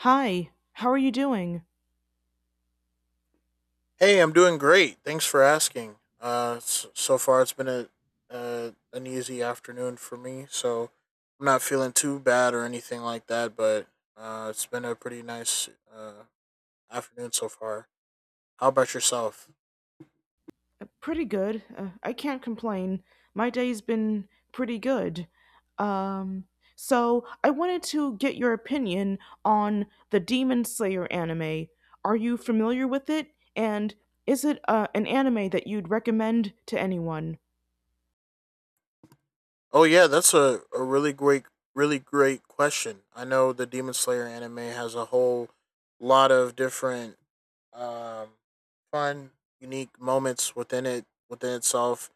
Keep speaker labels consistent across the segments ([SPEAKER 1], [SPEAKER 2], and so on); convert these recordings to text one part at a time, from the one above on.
[SPEAKER 1] Hi, how are you doing?
[SPEAKER 2] Hey, I'm doing great. Thanks for asking. So far it's been an easy afternoon for me, so I'm not feeling too bad or anything like that. But it's been a pretty nice afternoon so far. How about yourself?
[SPEAKER 1] Pretty good. I can't complain. My day's been pretty good. Um, so I wanted to get your opinion on the Demon Slayer anime. Are you familiar with it? And is it an anime that you'd recommend to anyone?
[SPEAKER 2] Oh yeah, that's a really great question. I know the Demon Slayer anime has a whole lot of different um fun, unique moments within itself.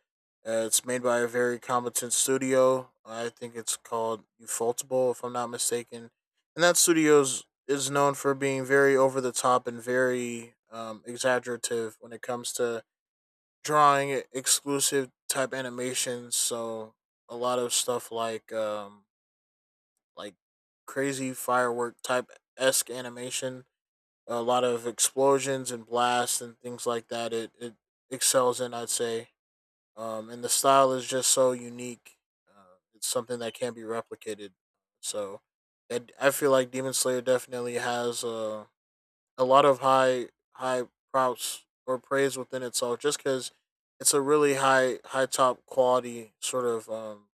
[SPEAKER 2] It's made by a very competent studio. I think it's called Ufotable if I'm not mistaken. And that studio is known for being very over the top and very exaggerative when it comes to drawing exclusive type animations. So a lot of stuff like crazy firework type esque animation, a lot of explosions and blasts and things like that. It excels in, I'd say. And the style is just so unique. It's something that can't be replicated. So, I feel like Demon Slayer definitely has a lot of high props or praise within itself just because it's a really high top quality sort of um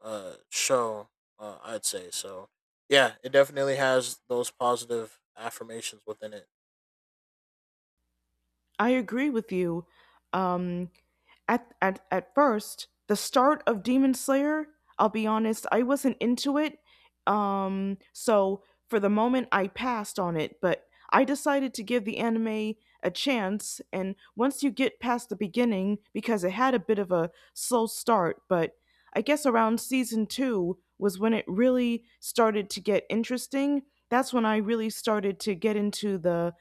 [SPEAKER 2] uh show I'd say. So yeah, it definitely has those positive affirmations within it.
[SPEAKER 1] I agree with you. Um, at first, the start of Demon Slayer, I'll be honest, I wasn't into it. So for the moment I passed on it, but I decided to give the anime a chance and once you get past the beginning because it had a bit of a slow start, but I guess around season 2 was when it really started to get interesting. That's when I really started to get into the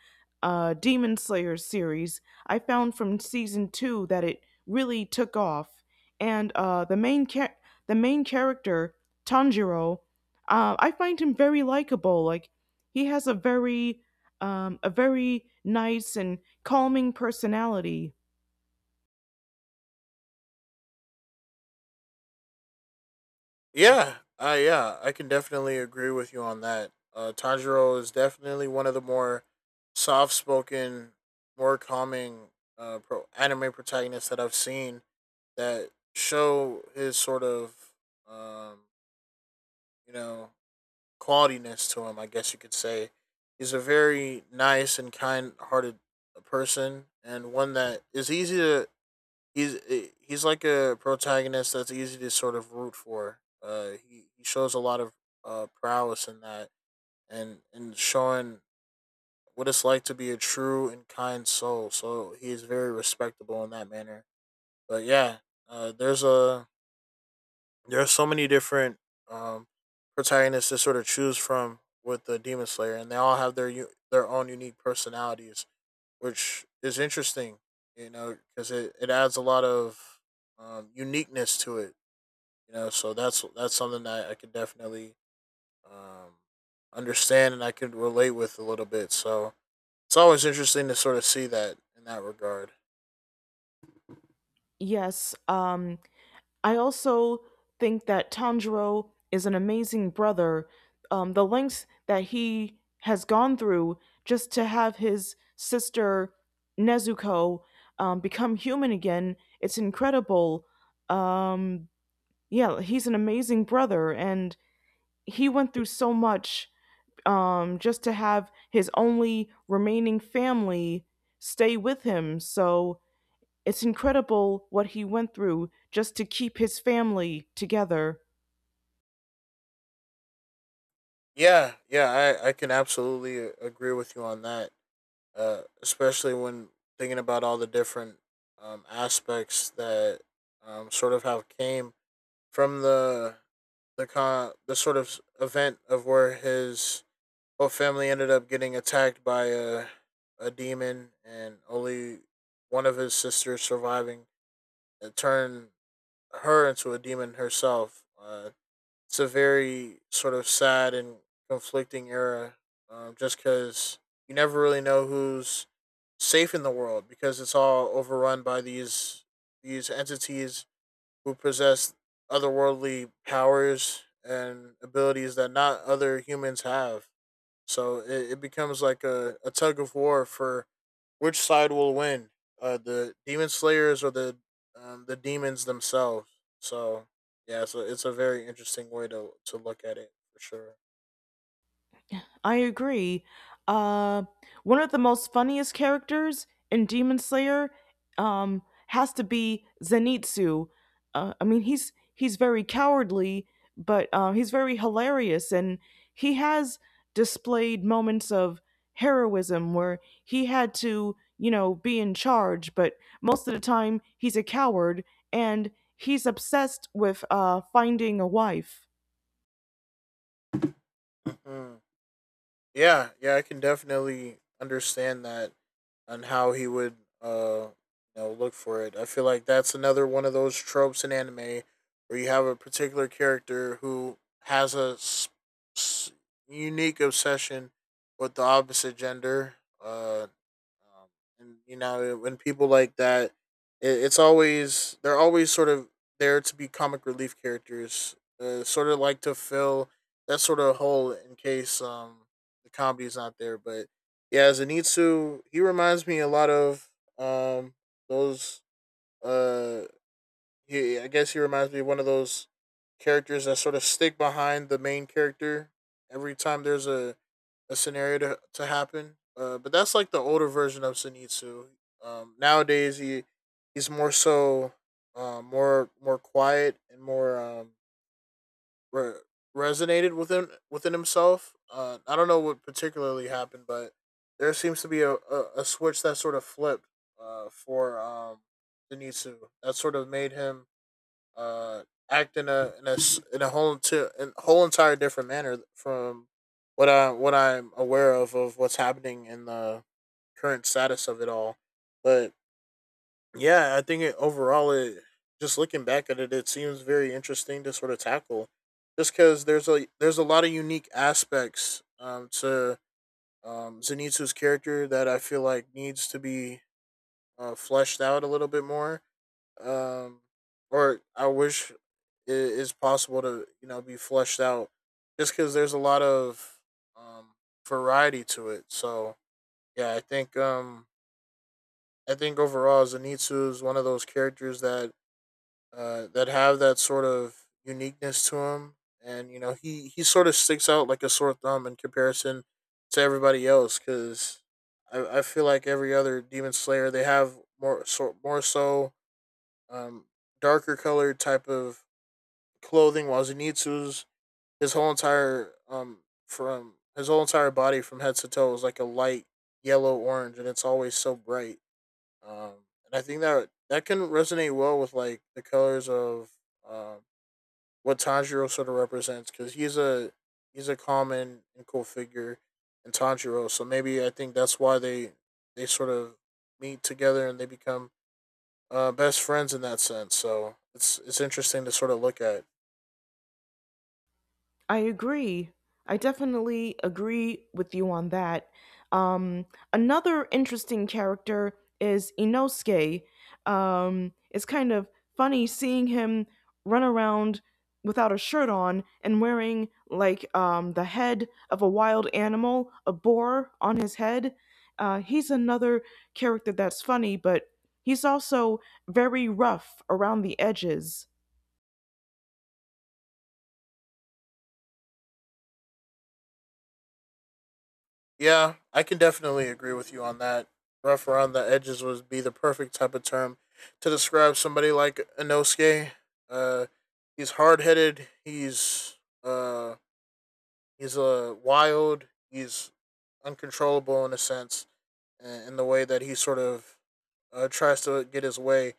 [SPEAKER 1] Demon Slayer series. I found from season two that it really took off, and the main character Tanjiro, I find him very likable. Like he has a very nice and calming personality.
[SPEAKER 2] Yeah, I can definitely agree with you on that. Tanjiro is definitely one of the more soft-spoken, more calming, anime protagonists that I've seen, that show his sort of, um, you know, qualityness to him. I guess you could say he's a very nice and kind-hearted person, and one that is easy to he's like a protagonist that's easy to sort of root for. He shows a lot of prowess in that, and in showing what it's like to be a true and kind soul. So he is very respectable in that manner. But yeah, uh, there's a there are so many different um, protagonists to sort of choose from with the Demon Slayer, and they all have their own unique personalities, which is interesting, you know, because it adds a lot of uniqueness to it, you know. So that's something that I could definitely um, understand, and I could relate with a little bit. So it's always interesting to sort of see that in that regard.
[SPEAKER 1] Yes, I also think that Tanjiro is an amazing brother. The lengths that he has gone through just to have his sister Nezuko become human again, it's incredible. Um, yeah, he's an amazing brother, and he went through so much just to have his only remaining family stay with him. So it's incredible what he went through just to keep his family together.
[SPEAKER 2] I can absolutely agree with you on that, especially when thinking about all the different aspects that sort of have came from the sort of event of where his whole family ended up getting attacked by a demon, and only one of his sisters surviving. It turned her into a demon herself. It's a very sort of sad and conflicting era, just because you never really know who's safe in the world, because it's all overrun by these entities who possess otherworldly powers and abilities that not other humans have. So it becomes like a tug of war for which side will win, the demon slayers or the demons themselves. So yeah, so it's a very interesting way to look at it for sure.
[SPEAKER 1] I agree. Uh, One of the most funniest characters in Demon Slayer um, has to be Zenitsu. I mean, he's very cowardly, but he's very hilarious, and he has displayed moments of heroism where he had to, you know, be in charge. But most of the time, he's a coward, and he's obsessed with finding a wife.
[SPEAKER 2] Mhm. Yeah, yeah, I can definitely understand that and how he would uh you know look for it. I feel like that's another one of those tropes in anime where you have a particular character who has a s- unique obsession with the opposite gender, uh um, and you know, when people like that, it's always they're always sort of there to be comic relief characters, sort of like to fill that sort of hole in case the comedy is not there. But yeah, Zenitsu, he reminds me a lot of um those uh he, I guess he reminds me of one of those characters that sort of stick behind the main character every time there's a scenario to happen. But that's like the older version of Zenitsu. Nowadays he he's more so, more quiet and more re- resonated within himself. I don't know what particularly happened, but there seems to be a switch that sort of flipped, for Denitsu, that sort of made him uh, act in a s- in a whole enti- in whole entire different manner from what I'm aware of what's happening in the current status of it all. But yeah, I think it overall, it just looking back at it, it seems very interesting to sort of tackle, just because there's a lot of unique aspects, to Zenitsu's character, that I feel like needs to be fleshed out a little bit more, um, or I wish it is possible to, you know, be fleshed out, just because there's a lot of um, variety to it. So yeah, I think, I think overall Zenitsu is one of those characters that, that have that sort of uniqueness to him, and you know, he sort of sticks out like a sore thumb in comparison to everybody else. Because I feel like every other demon slayer, they have more so um, darker colored type of clothing, while Zenitsu's, his whole entire from his whole entire body from head to toe is like a light yellow orange, and it's always so bright. And I think that that can resonate well with like the colors of, um, what Tanjiro sort of represents, because he's a common and cool figure in Tanjiro. So maybe I think that's why they sort of meet together and they become, best friends in that sense. So it's interesting to sort of look at.
[SPEAKER 1] I agree. I definitely agree with you on that. Um, Another interesting character is Inosuke. It's kind of funny seeing him run around without a shirt on and wearing like the head of a wild animal, a boar on his head. He's another character that's funny, but he's also very rough around the edges.
[SPEAKER 2] Yeah, I can definitely agree with you on that. Rough around the edges would be the perfect type of term to describe somebody like Inosuke. Uh, he's hard headed. Uh, He's a wild. He's uncontrollable in a sense, in the way that he sort of, tries to get his way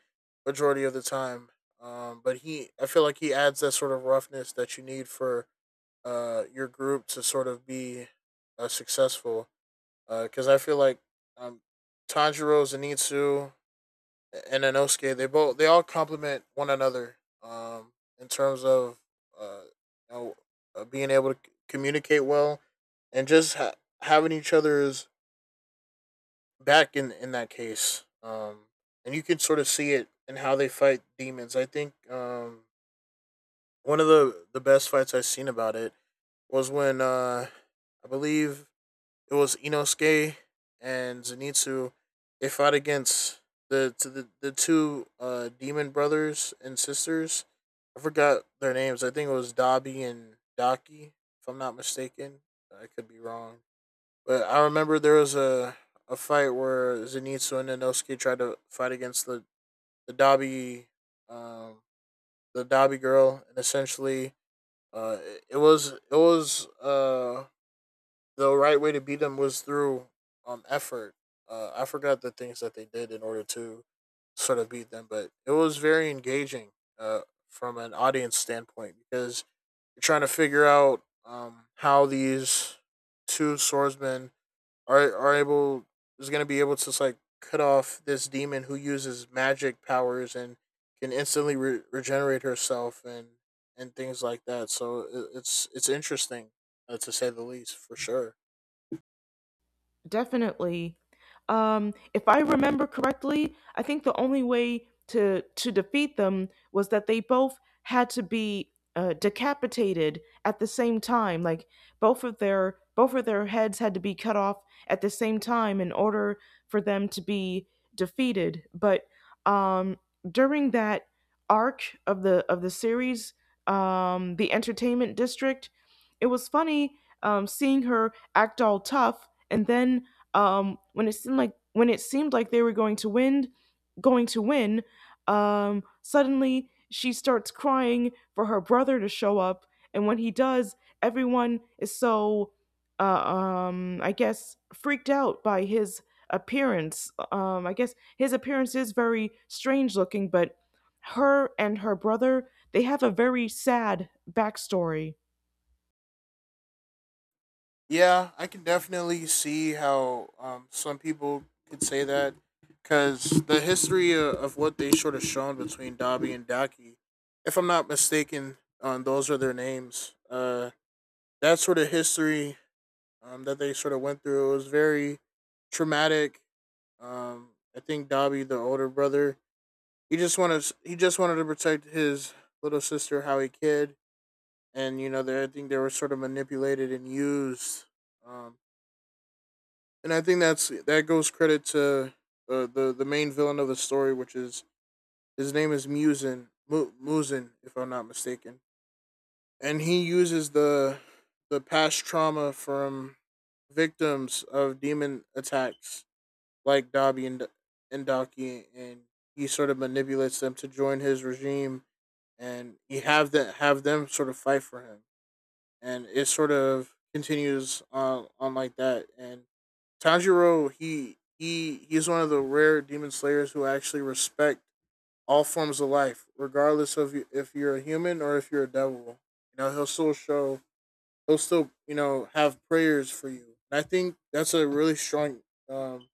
[SPEAKER 2] majority of the time. But he, I feel like he adds that sort of roughness that you need for, your group to sort of be, successful. Because I feel like, um, Tanjiro, Zenitsu, and Inosuke, they all complement one another, um, in terms of uh, you know, being able to communicate well, and just having each other's back in that case. And you can sort of see it in how they fight demons. I think, one of the best fights I've seen about it was when, I believe it was Inosuke and Zenitsu. They fought against the two, demon brothers and sisters. I forgot their names. I think it was Dabi and Daki, if I'm not mistaken. I could be wrong. But I remember there was a fight where Zenitsu and Inosuke tried to fight against the Dabi, um, the Dabi girl, and essentially, it was the right way to beat them was through effort. I forgot the things that they did in order to sort of beat them, but it was very engaging, uh, from an audience standpoint, because you're trying to figure out, how these two swordsmen are able is going to be able to like cut off this demon who uses magic powers and can instantly regenerate herself, and things like that. So it's interesting, to say the least for sure.
[SPEAKER 1] Definitely. If I remember correctly, I think the only way to defeat them was that they both had to be decapitated at the same time. Like both of their heads had to be cut off at the same time in order for them to be defeated. But um, during that arc of the series, the Entertainment District, it was funny seeing her act all tough and then when it seemed like they were going to win, going to win, suddenly she starts crying for her brother to show up. And when he does, everyone is so, I guess, freaked out by his appearance. I guess his appearance is very strange looking, but her and her brother they have a very sad backstory.
[SPEAKER 2] Yeah, I can definitely see how, some people could say that, because the history of what they sort of shown between Dobby and Daki, if I'm not mistaken, those are their names. That sort of history, that they sort of went through, it was very traumatic. Um, I think Dobby, the older brother, he just wanted to protect his little sister, how he could. And you know, I think they were sort of manipulated and used, um, and I think that's that goes credit to, the main villain of the story, which is, his name is Musin, if I'm not mistaken, and he uses the past trauma from victims of demon attacks like Dabi and Daki, and he sort of manipulates them to join his regime, and he have that have them sort of fight for him, and it sort of continues on like that. And Tanjiro, he's one of the rare demon slayers who actually respect all forms of life, regardless of, you if you're a human or if you're a devil. You know, he'll still show, he'll still, you know, have prayers for you. And I think that's a really strong um,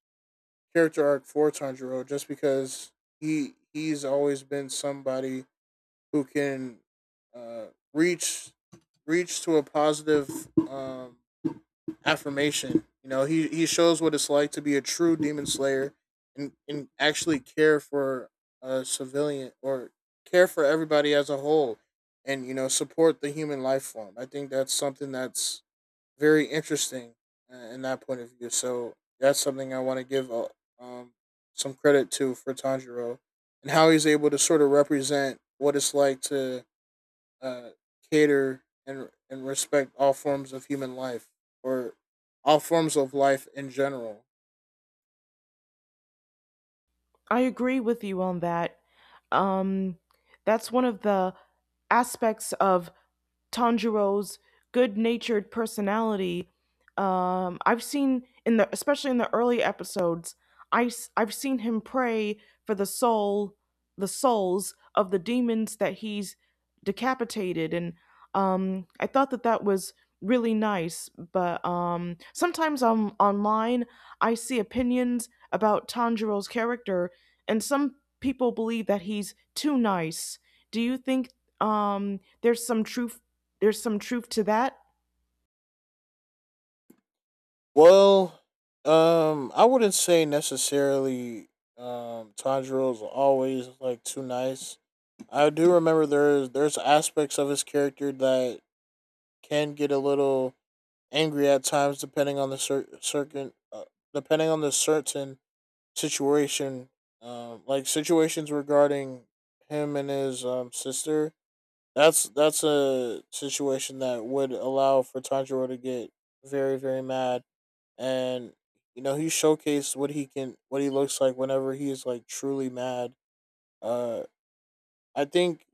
[SPEAKER 2] character arc for Tanjiro, just because he's always been somebody who can uh, reach reach to a positive affirmation. You know, he shows what it's like to be a true demon slayer and actually care for a civilian or care for everybody as a whole, and you know, support the human life form. I think that's something that's very interesting in that point of view. So that's something I want to give um, some credit to for Tanjiro, and how he's able to sort of represent what it's like to uh, cater and respect all forms of human life, or all forms of life in general.
[SPEAKER 1] I agree with you on that. Um, that's one of the aspects of Tanjiro's good-natured personality. I've seen in the especially in the early episodes, I have seen him pray for the soul, the souls of the demons that he's decapitated, and I thought that that was really nice. But sometimes on online, I see opinions about Tanjiro's character, and some people believe that he's too nice. Do you think um, there's some truth there's some truth to that.
[SPEAKER 2] Well, I wouldn't say necessarily. Tanjiro is always like too nice. I do remember there's aspects of his character that can get a little angry at times, depending on the certain, depending on the certain situation. Like situations regarding him and his sister. That's a situation that would allow for Tanjiro to get very, very mad, and you know, he showcased what he can, what he looks like whenever he is like truly mad. Uh, I think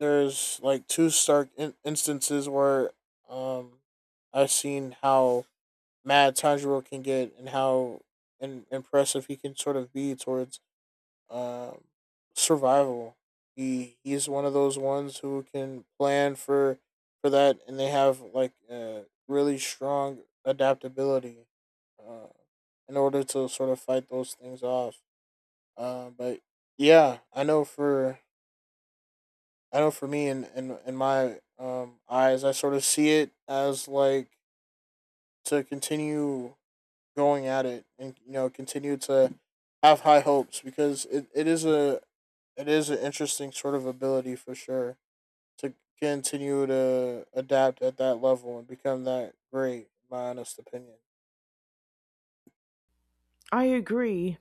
[SPEAKER 2] there's like two stark instances where um I've seen how mad Tanjiro can get and how impressive he can sort of be towards um, survival. He's one of those ones who can plan for that, and they have like really strong adaptability uh, in order to sort of fight those things off. But yeah, I know for me in my eyes, I sort of see it as like to continue going at it, and you know, continue to have high hopes, because it is a it is an interesting sort of ability for sure, to continue to adapt at that level and become that great, in my honest opinion.
[SPEAKER 1] I agree.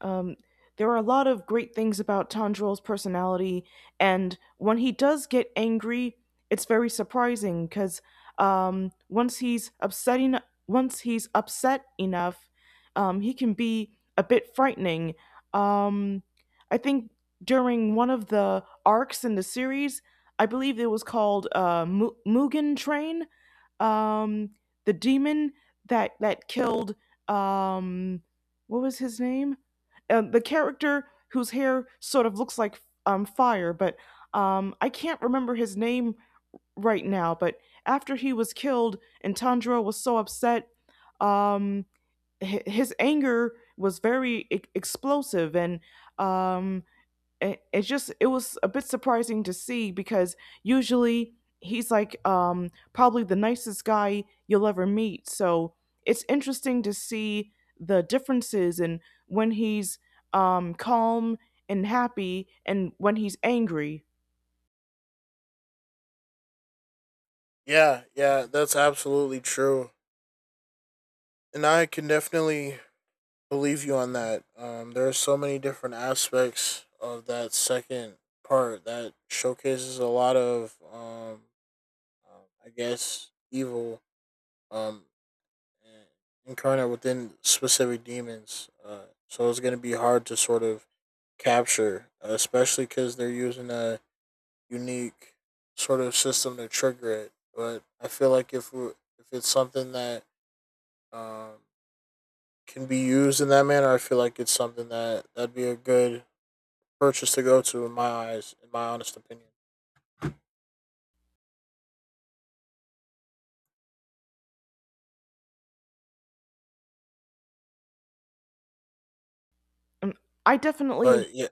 [SPEAKER 1] Um, there are a lot of great things about Tandrel's personality, and when he does get angry, it's very surprising because um, once he's upsetting, once he's upset enough, he can be a bit frightening. Um, I think during one of the arcs in the series, I believe it was called Mugen Train, um, the demon that killed um, what was his name? The character whose hair sort of looks like fire, but I can't remember his name right now. But after he was killed, and Tanjiro was so upset, um, his anger was very explosive, and um, it's just it was a bit surprising to see because usually he's like probably the nicest guy you'll ever meet, so it's interesting to see the differences and when he's calm and happy and when he's angry.
[SPEAKER 2] Yeah, yeah, that's absolutely true, and I can definitely believe you on that. There are so many different aspects of that second part that showcases a lot of I guess evil um, and incarnate within specific demons. So it's going to be hard to sort of capture, especially because they're using a unique sort of system to trigger it. But I feel like if it's something that um, can be used in that manner, I feel like it's something that that'd be a good purchase to go to, in my eyes, in my honest opinion.
[SPEAKER 1] Um, i definitely
[SPEAKER 2] But yeah,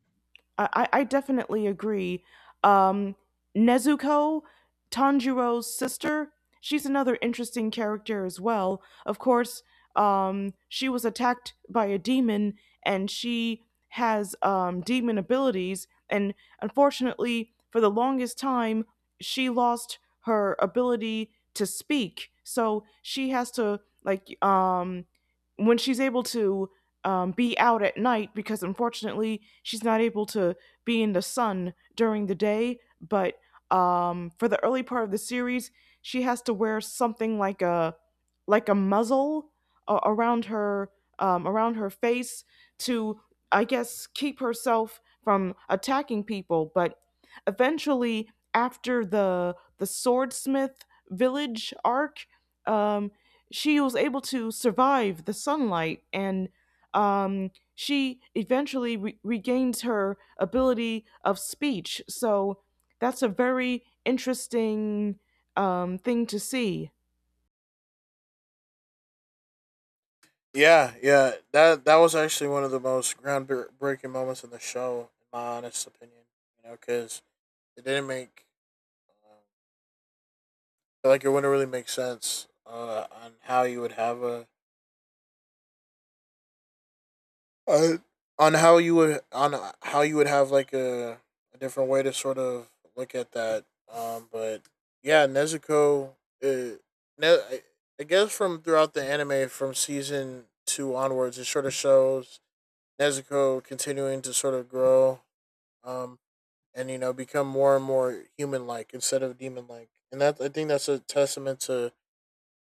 [SPEAKER 1] I definitely agree. Um, Nezuko, Tanjiro's sister, she's another interesting character as well. Of course, she was attacked by a demon and she has demon abilities. And unfortunately, for the longest time, she lost her ability to speak. So she has to, like, when she's able to be out at night because unfortunately she's not able to be in the sun during the day. But for the early part of the series, she has to wear something like a muzzle uh, around her around her face to, I guess, keep herself from attacking people. But eventually, after the swordsmith village arc, um, she was able to survive the sunlight and she eventually regains her ability of speech. So that's a very interesting thing to see.
[SPEAKER 2] yeah. That was actually one of the most groundbreaking moments in the show, in my honest opinion. You know, because it didn't make um, like, it wouldn't really make sense on how you would have a uh, on how you would on how you would have like a different way to sort of look at that. But yeah, Nezuko. Uh, ne- I guess from throughout the anime, from season two onwards, it sort of shows Nezuko continuing to sort of grow. Um, and you know, become more and more human like instead of demon like and that I think that's a testament to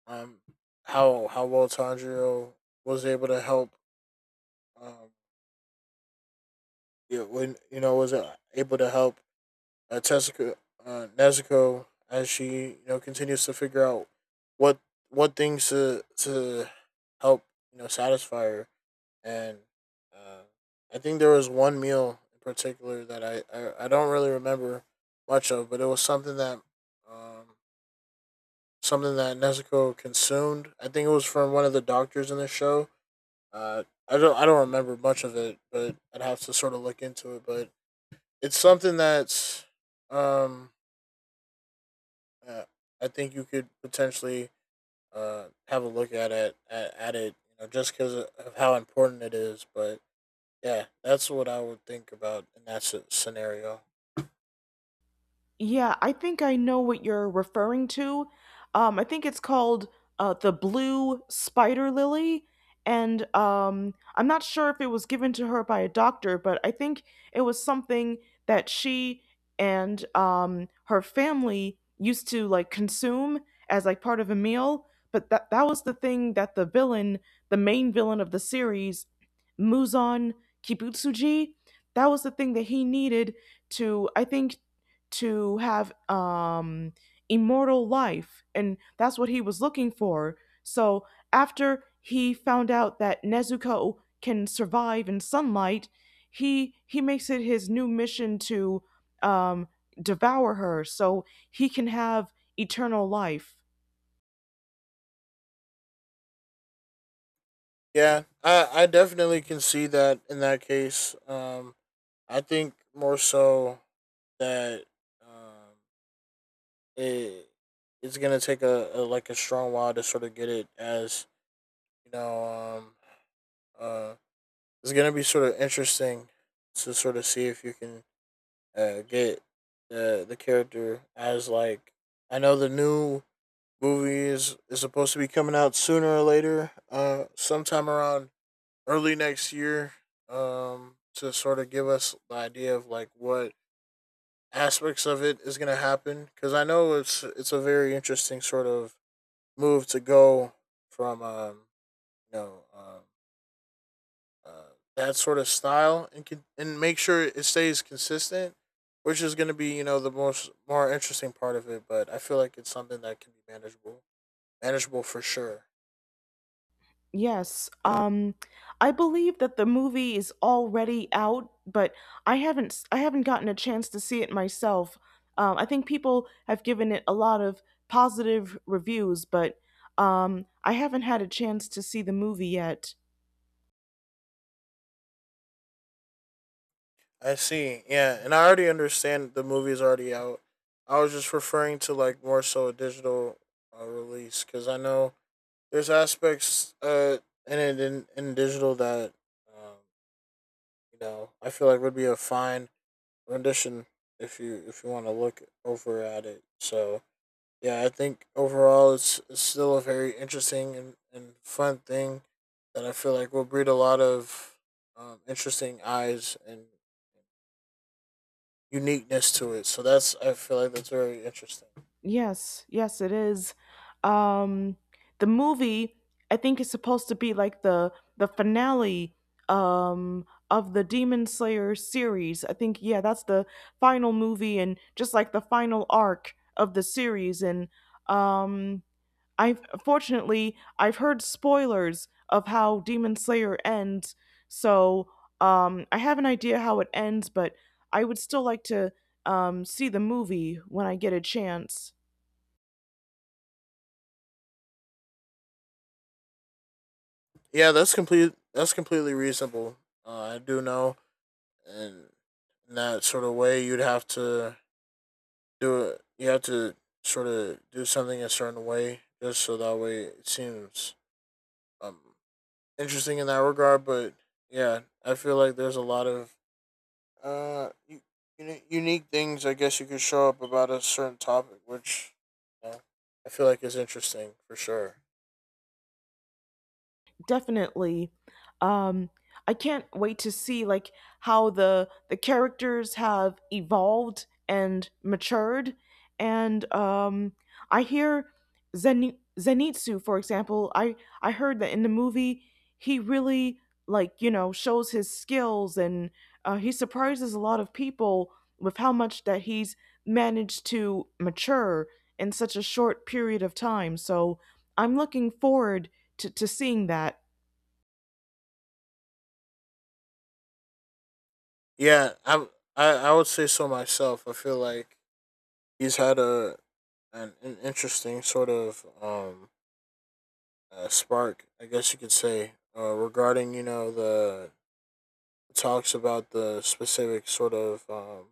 [SPEAKER 2] um, how well Tanjiro was able to help. Um, yeah, when you know, was able to help uh, Tezuka, Nezuko as she, you know, continues to figure out what things to help, you know, satisfy her. And uh, I think there was one meal in particular that I don't really remember much of, but it was um something that Nezuko consumed. I think it was from one of the doctors in the show. I don't, remember much of it, but I'd have to sort of look into it. But it's something that's um uh, I think you could potentially have a look at it at it, you know, just because of how important it is. But yeah, that's what I would think about in that scenario.
[SPEAKER 1] Yeah, I think I know what you're referring to. I think it's called the blue spider lily, and I'm not sure if it was given to her by a doctor, but I think it was something that she and her family used to like consume as like part of a meal. But that that was the thing that the villain, the main villain of the series, Muzan Kibutsuji, that was the thing that he needed to, I think, to have immortal life, and that's what he was looking for. So after he found out that Nezuko can survive in sunlight, he makes it his new mission to um devour her so he can have eternal life.
[SPEAKER 2] Yeah, I definitely can see that in that case. I think more so that um it it's gonna take a like a strong while to sort of get it, as you know, uh it's gonna be sort of interesting to sort of see if you can get the character as like, I know the new movie is supposed to be coming out sooner or later, sometime around early next year, to sort of give us the idea of like what aspects of it is going to happen, because I know it's a very interesting sort of move to go from you know um, uh, that sort of style, and and make sure it stays consistent, which is going to be, you know, the most more interesting part of it. But I feel like it's something that can be manageable, manageable for sure.
[SPEAKER 1] Yes. I believe that the movie is already out, but I haven't gotten a chance to see it myself. I think people have given it a lot of positive reviews, but I haven't had a chance to see the movie yet.
[SPEAKER 2] I see, yeah, and I already understand the movie is already out. I was just referring to like more so a digital release, because I know there's aspects in digital that um, you know, I feel like would be a fine rendition if you, if you want to look over at it. So yeah, I think overall it's still a very interesting and fun thing that I feel like will breed a lot of interesting eyes and uniqueness to it. So that's, I feel like that's very interesting.
[SPEAKER 1] Yes, yes, it is. Um, the movie I think is supposed to be like the finale of the Demon Slayer series. I think yeah, that's the final movie and just like the final arc of the series. And um, I fortunately I've heard spoilers of how Demon Slayer ends, so I have an idea how it ends, but I would still like to see the movie when I get a chance.
[SPEAKER 2] Yeah, that's complete. That's completely reasonable. I do know, and in that sort of way, you'd have to do it. You have to sort of do something a certain way, just so that way it seems um interesting in that regard. But yeah, I feel like there's a lot of uh u- unique things, I guess you could show up about a certain topic, which, you know, I feel like is interesting for sure.
[SPEAKER 1] Definitely. Um, I can't wait to see like how the characters have evolved and matured, and I hear Zenitsu, for example. I heard that in the movie he really like you know shows his skills and he surprises a lot of people with how much that he's managed to mature in such a short period of time. So I'm looking forward to seeing that.
[SPEAKER 2] Yeah, I would say so myself. I feel like he's had a an interesting sort of spark, I guess you could say, regarding, you know, the talks about the specific sort of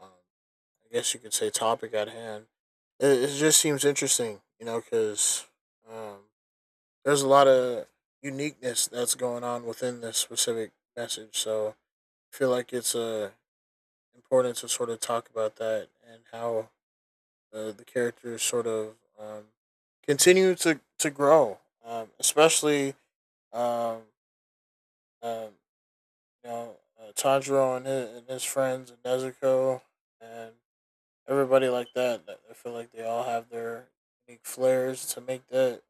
[SPEAKER 2] um I guess you could say topic at hand. It just seems interesting, you know, because um, there's a lot of uniqueness that's going on within this specific message. So I feel like it's important to sort of talk about that, and how the characters sort of continue to grow, especially um, um, you know, Tanjiro and his friends and Nezuko and everybody like that. That, I feel like they all have their unique flares to make that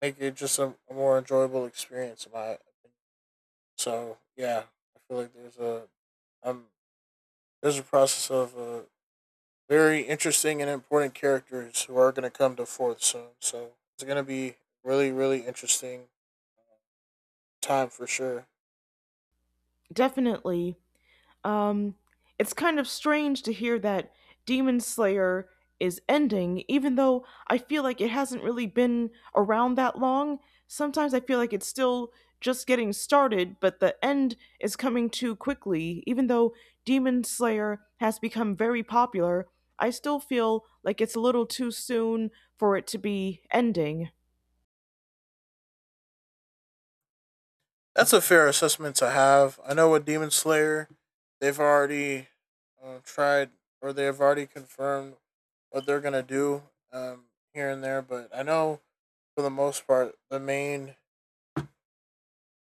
[SPEAKER 2] make it just a more enjoyable experience, in my opinion. So yeah, I feel like um there's a process of very interesting and important characters who are going to come to forth soon. So it's going to be really, really interesting uh, time for sure.
[SPEAKER 1] Definitely. um it's kind of strange to hear that Demon Slayer is ending even though I feel like it hasn't really been around that long. Sometimes I feel like it's still just getting started, but the end is coming too quickly. Even though Demon Slayer has become very popular, I still feel like it's a little too soon for it to be ending.
[SPEAKER 2] That's a fair assessment to have. I know with Demon Slayer, they've already uh, tried confirmed what they're gonna do, um, here and there. But I know for the most part,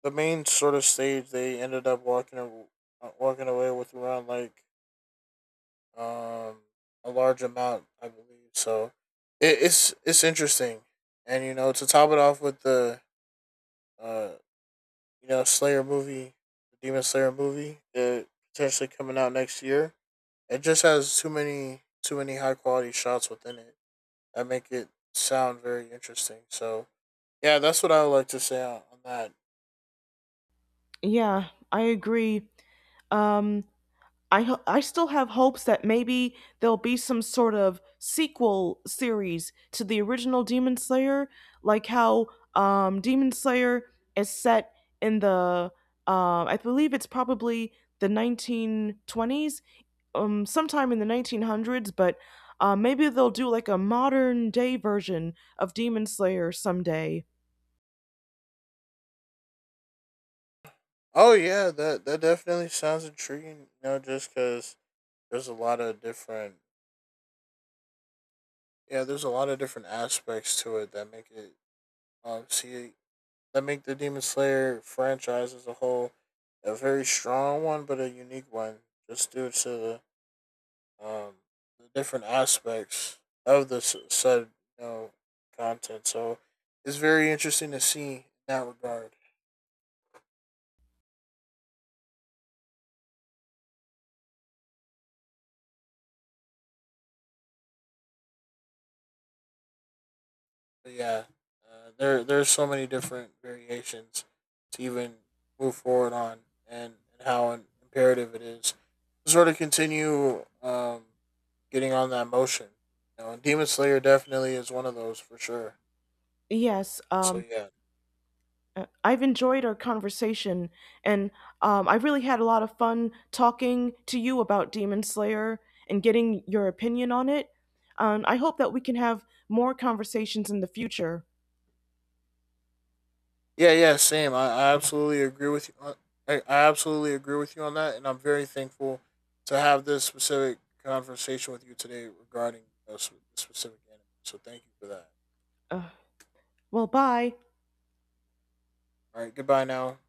[SPEAKER 2] the main sort of stage they ended up walking walking away with around like um, a large amount, I believe. So it's interesting. And you know, to top it off with the uh, you know, Slayer movie, the Demon Slayer movie, that potentially coming out next year. It just has too many high quality shots within it that make it sound very interesting. So yeah, that's what I would like to say on that.
[SPEAKER 1] Yeah, I agree. um I still have hopes that maybe there'll be some sort of sequel series to the original Demon Slayer, like how Demon Slayer is set in the I believe it's probably the 1920s, sometime in the 1900s, but maybe they'll do like a modern day version of Demon Slayer someday.
[SPEAKER 2] Oh yeah, that that definitely sounds intriguing. You know, just because there's a lot of different, yeah, there's a lot of different aspects to it that make it see that make the Demon Slayer franchise as a whole a very strong one, but a unique one, just due to um, the different aspects of the said, you know, content. So it's very interesting to see in that regard. But yeah, there, there's so many different variations to even move forward on, and how imperative it is to sort of continue getting on that motion. You know, and Demon Slayer definitely is one of those for sure.
[SPEAKER 1] Yes,
[SPEAKER 2] So yeah.
[SPEAKER 1] I've enjoyed our conversation, and I really had a lot of fun talking to you about Demon Slayer and getting your opinion on it. I hope that we can have more conversations in the future.
[SPEAKER 2] Yeah, yeah, same. I absolutely agree with you. I absolutely agree with you on that, and I'm very thankful to have this specific conversation with you today regarding this specific anime. So thank you for that.
[SPEAKER 1] Uh, well, bye.
[SPEAKER 2] All right, goodbye now.